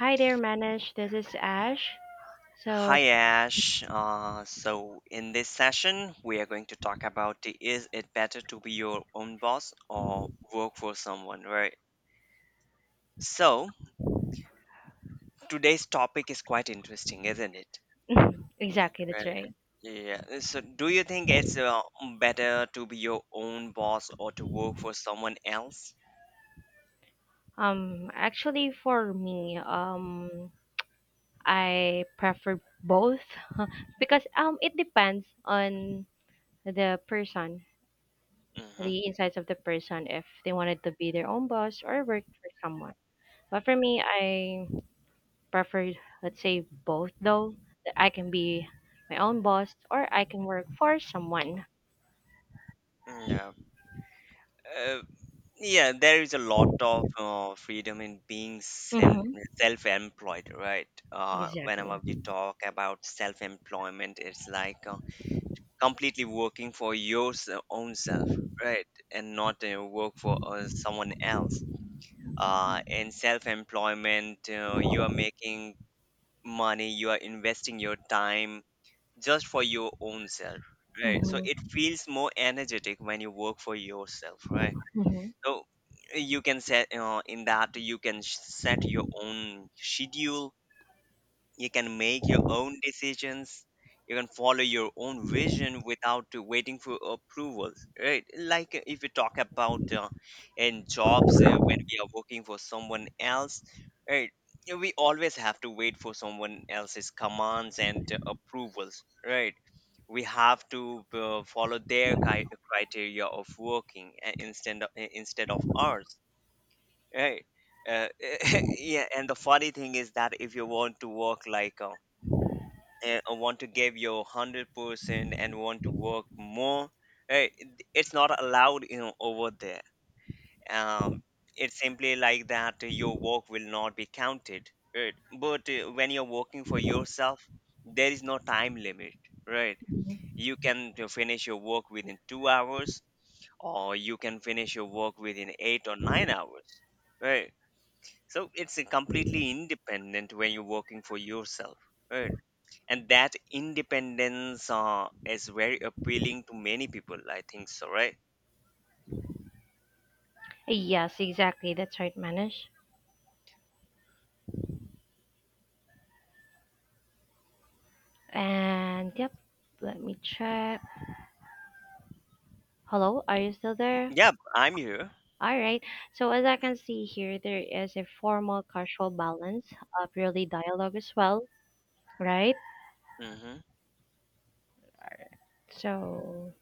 Hi there, Manish. This is Ash. So, Hi Ash. So in this session, we are going to talk about is it better to be your own boss or work for someone, right? So today's topic is quite interesting, isn't it? exactly, that's right. Right. Yeah. So do you think it's better to be your own boss or to work for someone else? Actually, for me, I prefer both because it depends on the person, Mm-hmm. the insights of the person, if they wanted to be their own boss or work for someone. But for me, I prefer, let's say, both though, that I can be my own boss or I can work for someone. Yeah. Yeah, there is a lot of freedom in being Mm-hmm. self-employed, right? Exactly. Whenever we talk about self-employment, it's like completely working for your own self, right? And not work for someone else. In self-employment, you are making money, you are investing your time just for your own self, right? So Mm-hmm. it feels more energetic when you work for yourself, right? Mm-hmm. So you can set your own schedule, you can make your own decisions, you can follow your own vision without to waiting for approvals, right? Like if you talk about in jobs, when we are working for someone else, right? You we always have to wait for someone else's commands and approvals, right? We have to follow their criteria of working, instead of ours, right? Uh, yeah, and the funny thing is that if you want to work like a want to give your 100% and want to work more, right? It's not allowed, you know, over there. Um it's simply like that, your work will not be counted, right? But when you're working for yourself, there is no time limit, right? Mm-hmm. You can finish your work within 2 hours, or you can finish your work within 8 or 9 hours, right? So it's completely independent when you're working for yourself, right? And that independence is very appealing to many people, I think so, right? Yes, exactly. That's right, Manish. And yep, let me check. Hello, are you still there? Yeah, I'm here. All right. So as I can see here, there is a formal casual balance of really dialogue as well, right? Hmm. So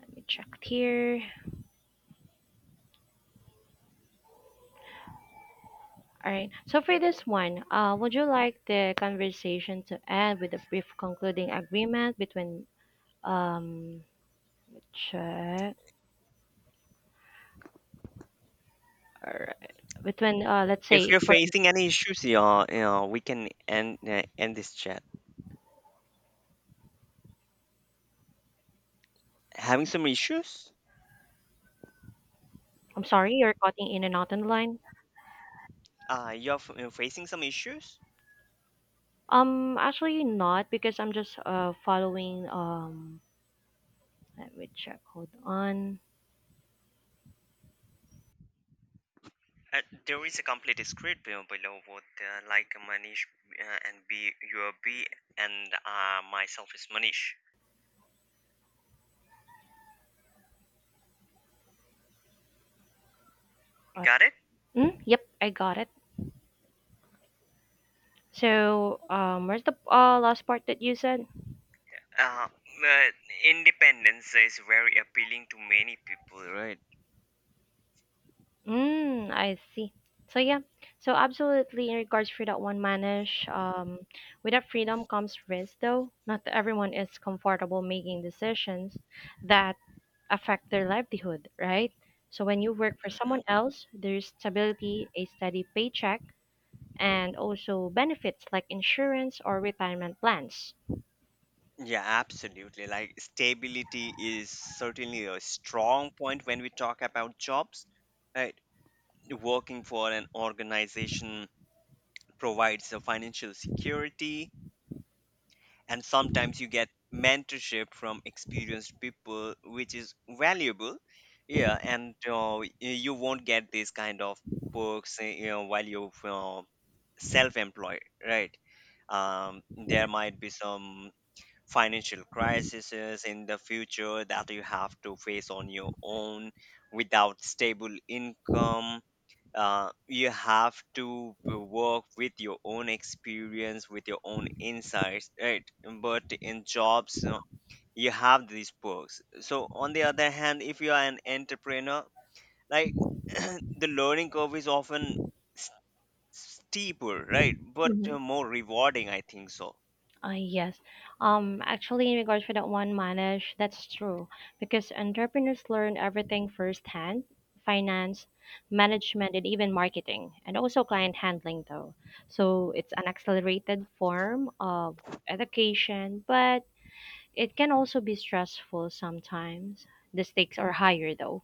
let me check here. All right. So for this one, would you like the conversation to end with a brief concluding agreement between um check all right between let's If say you're for facing any issues, yeah, yeah, we can end this chat. Having some issues. I'm sorry, you're cutting in and out on the line. Facing some issues. Actually not because I'm just following let me check. Hold on. Uh, there is a complete script below, below what like manish and b your b and myself is Manish. Uh, Got it. Yep, I got it. So, where's the last part that you said? uh, uh Independence is very appealing to many people, right? Mm, I see. So yeah. So absolutely in regards for that one manage, with that freedom comes risk though. Not that everyone is comfortable making decisions that affect their livelihood, right? So when you work for someone else, there's stability, a steady paycheck, and also benefits like insurance or retirement plans. Yeah, absolutely. Like stability is certainly a strong point when we talk about jobs, right? Working for an organization provides a financial security, and sometimes you get mentorship from experienced people, which is valuable. Yeah, and you won't get this kind of perks, you know, while you're self-employed, right? There might be some financial crises in the future that you have to face on your own without stable income. You have to work with your own experience, with your own insights, right? But in jobs, you know, you have these perks. So on the other hand, if you are an entrepreneur, like the learning curve is often s- steeper, right? But hmm more rewarding, I think so. yes. Actually, in regards for that one, Manish, that's true because entrepreneurs learn everything firsthand finance, management, and even marketing, and also client handling, though. So it's an accelerated form of education, but it can also be stressful sometimes. The stakes are higher, though.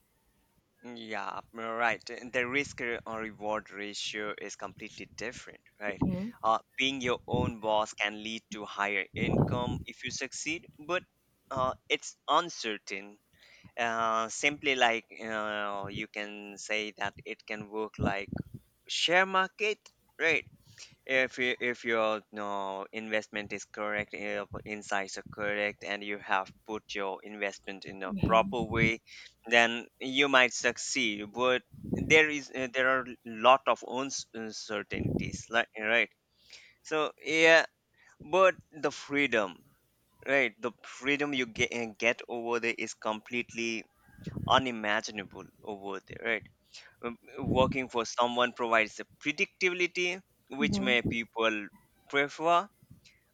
Yeah, right. The risk re- or reward ratio is completely different, right? Mm-hmm. Being your own boss can lead to higher income if you succeed, but it's uncertain. Simply like you can say that it can work like share market, right? If your no investment is correct, eh, your insights are correct, and you have put your investment in a proper Mm-hmm. way, then you might succeed. But there are lot of uncertainties, like, right? So yeah. But the freedom, right? The freedom you get over there is completely unimaginable over there, right? Um, working for someone provides a predictability, which may people prefer,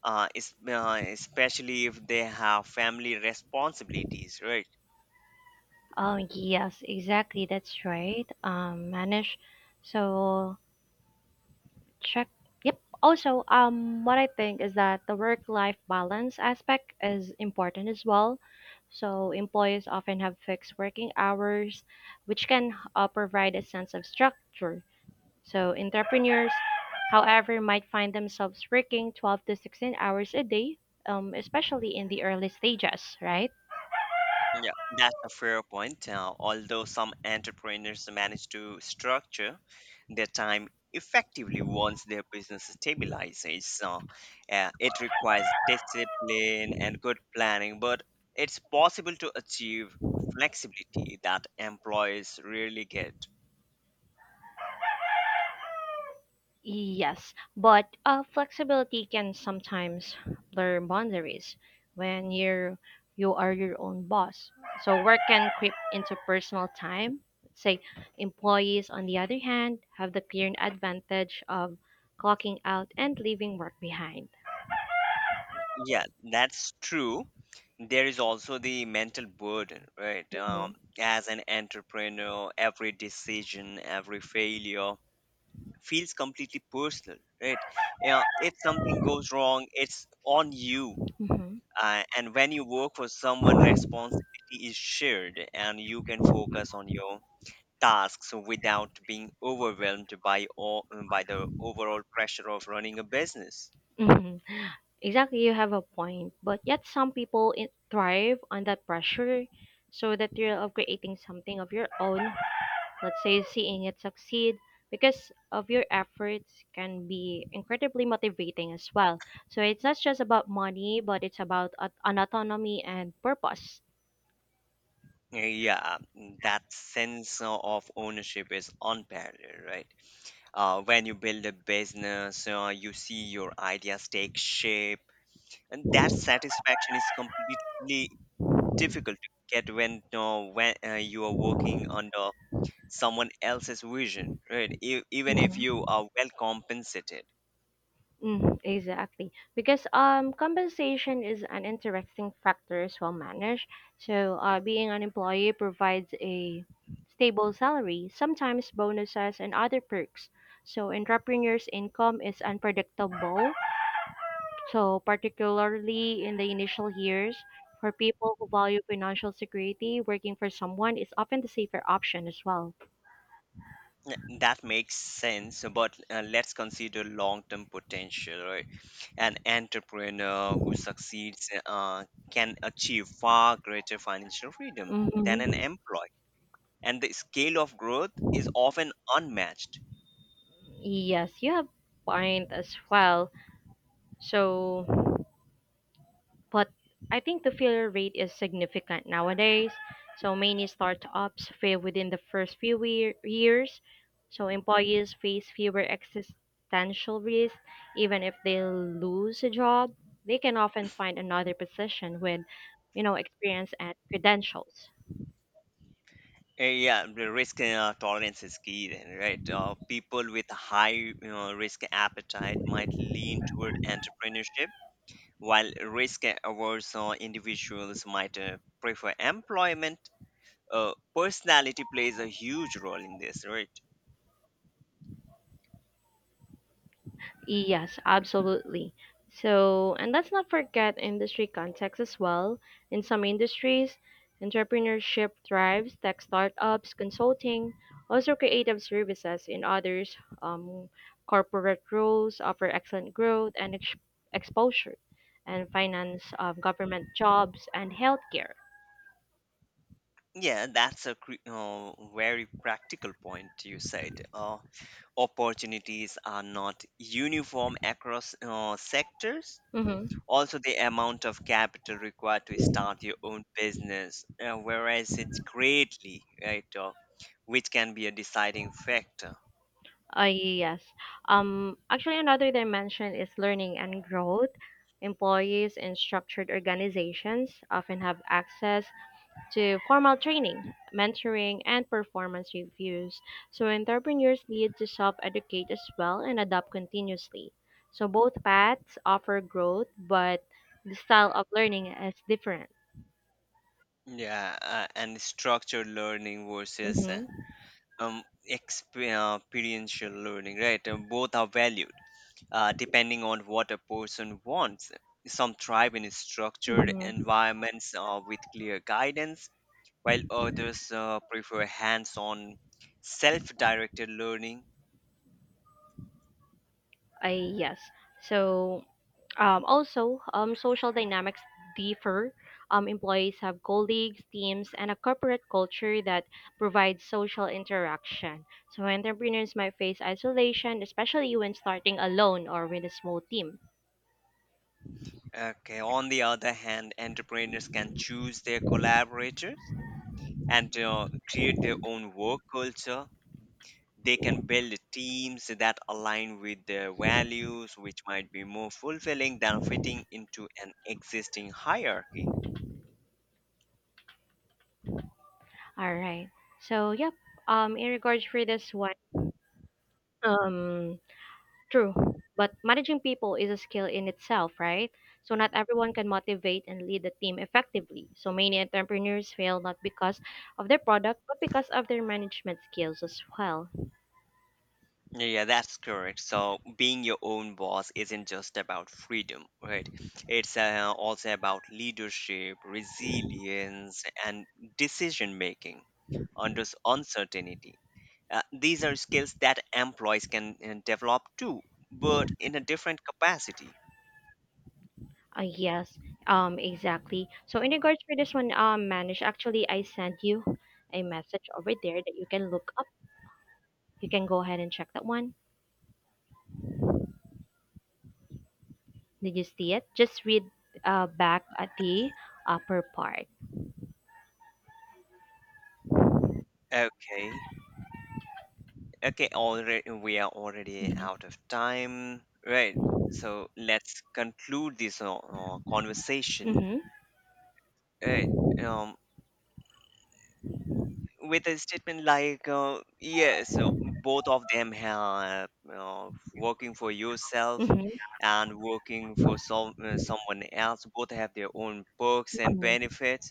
especially if they have family responsibilities, right? Oh, yes, exactly. That's right. Manage. So check. Yep. Also, what I think is that the work-life balance aspect is important as well. So employees often have fixed working hours, which can provide a sense of structure. So entrepreneurs, however, might find themselves working 12 to 16 hours a day, especially in the early stages, right? Yeah, that's a fair point. Although some entrepreneurs manage to structure their time effectively once their business stabilizes, it requires discipline and good planning, but it's possible to achieve flexibility that employees rarely get. Yes, but flexibility can sometimes blur boundaries when you are your own boss. So work can creep into personal time. Say employees, on the other hand, have the clear advantage of clocking out and leaving work behind. Yeah, that's true. There is also the mental burden, right? Mhm. As an entrepreneur, every decision, every failure feels completely personal, right? Yeah, if something goes wrong, it's on you. Hmm. And when you work for someone, responsibility is shared and you can focus on your tasks without being overwhelmed by the overall pressure of running a business. Hmm. Exactly, you have a point. But yet, thrive on that pressure, so that you're of creating something of your own, let's say, seeing it succeed because of your efforts can be incredibly motivating as well. So it's not just about money, but it's about an autonomy and purpose. Yeah, that sense of ownership is unparalleled, right? When you build a business, you see your ideas take shape, and that satisfaction is completely difficult to get when you are working under someone else's vision, right? E- even if you Mhm. are well compensated. Mm, exactly. Because compensation is an interesting factor as well managed. So being an employee provides a stable salary, sometimes bonuses and other perks. So entrepreneurs' income is unpredictable. So, particularly in the initial years, for people who value financial security, working for someone is often the safer option as well. N- that makes sense, but let's consider long-term potential, right? An entrepreneur who succeeds can achieve far greater financial freedom than an Hmm. employee, and the scale of growth is often unmatched. Yes, you have point as well. So, but I think the failure rate is significant nowadays. So many startups fail within the first few wea- years. So employees face fewer existential risks. Even if they lose a job, they can often find another position with, you know, experience and credentials. Yeah, the risk tolerance is key, then, right? People with high you risk appetite might lean toward entrepreneurship, while risk averse individuals might prefer employment. Personality plays a huge role in this, right? Yes, absolutely. So, and let's not forget industry context as well. In some industries, entrepreneurship thrives, tech startups, consulting, also creative services. In others, um, corporate roles offer excellent growth and exposure, and finance, government jobs, and healthcare. Yeah, that's a very practical point you said. Opportunities are not uniform across sectors. Mm-hmm. Also, the amount of capital required to start your own business varies it greatly, right? Which can be a deciding factor. Yes. Actually, another dimension is learning and growth. Employees in structured organizations often have access to formal training, mentoring, and performance reviews. So, entrepreneurs need to self educate as well and adapt continuously. So, both paths offer growth, but the style of learning is different. Yeah, and structured learning versus Mm-hmm. um, experiential learning, right? Both are valued depending on what a person wants. Some thrive in structured Mm-hmm. environments with clear guidance, while others prefer hands on, self directed learning. Yes. So, also, social dynamics differ. Employees have colleagues, teams, and a corporate culture that provides social interaction. So, entrepreneurs might face isolation, especially when starting alone or with a small team. Okay, on the other hand, entrepreneurs can choose their collaborators and create their own work culture. They can build teams that align with their values, which might be more fulfilling than fitting into an existing hierarchy. All right. So, yep. In regards for this one, um, true, but managing people is a skill in itself, right? So not everyone can motivate and lead the team effectively. So many entrepreneurs fail not because of their product, but because of their management skills as well. Yeah, that's correct. So, being your own boss isn't just about freedom, right? It's also about leadership, resilience, and decision making under uncertainty. These are skills that employees can develop too, but in a different capacity. Uh, yes, exactly. So in regards for this one, manage. Actually, I sent you a message over there that you can look up. You can go ahead and check that one. Did you see it? Just read back at the upper part. Okay. Okay, already we are already Mm-hmm. out of time. Right. So let's conclude this conversation. Mm-hmm. Right. Um, with a statement like, yes, both of them have, working for yourself Mm-hmm. and working for someone else, both have their own perks and Mm-hmm. benefits.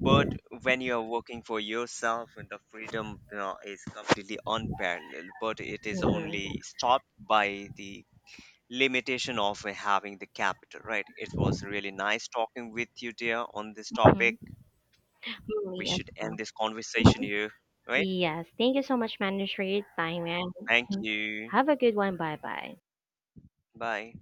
But when you're working for yourself, and the freedom, you know, is completely unparalleled, but it is Mm-hmm. only stopped by the limitation of having the capital, right? It was really nice talking with you, dear, on this topic. Mm-hmm. We Me as should well. end this conversation here, right? Yes, thank you so much, Manish, for your time, and Thank mhm, you. have a good one. Bye bye. Bye.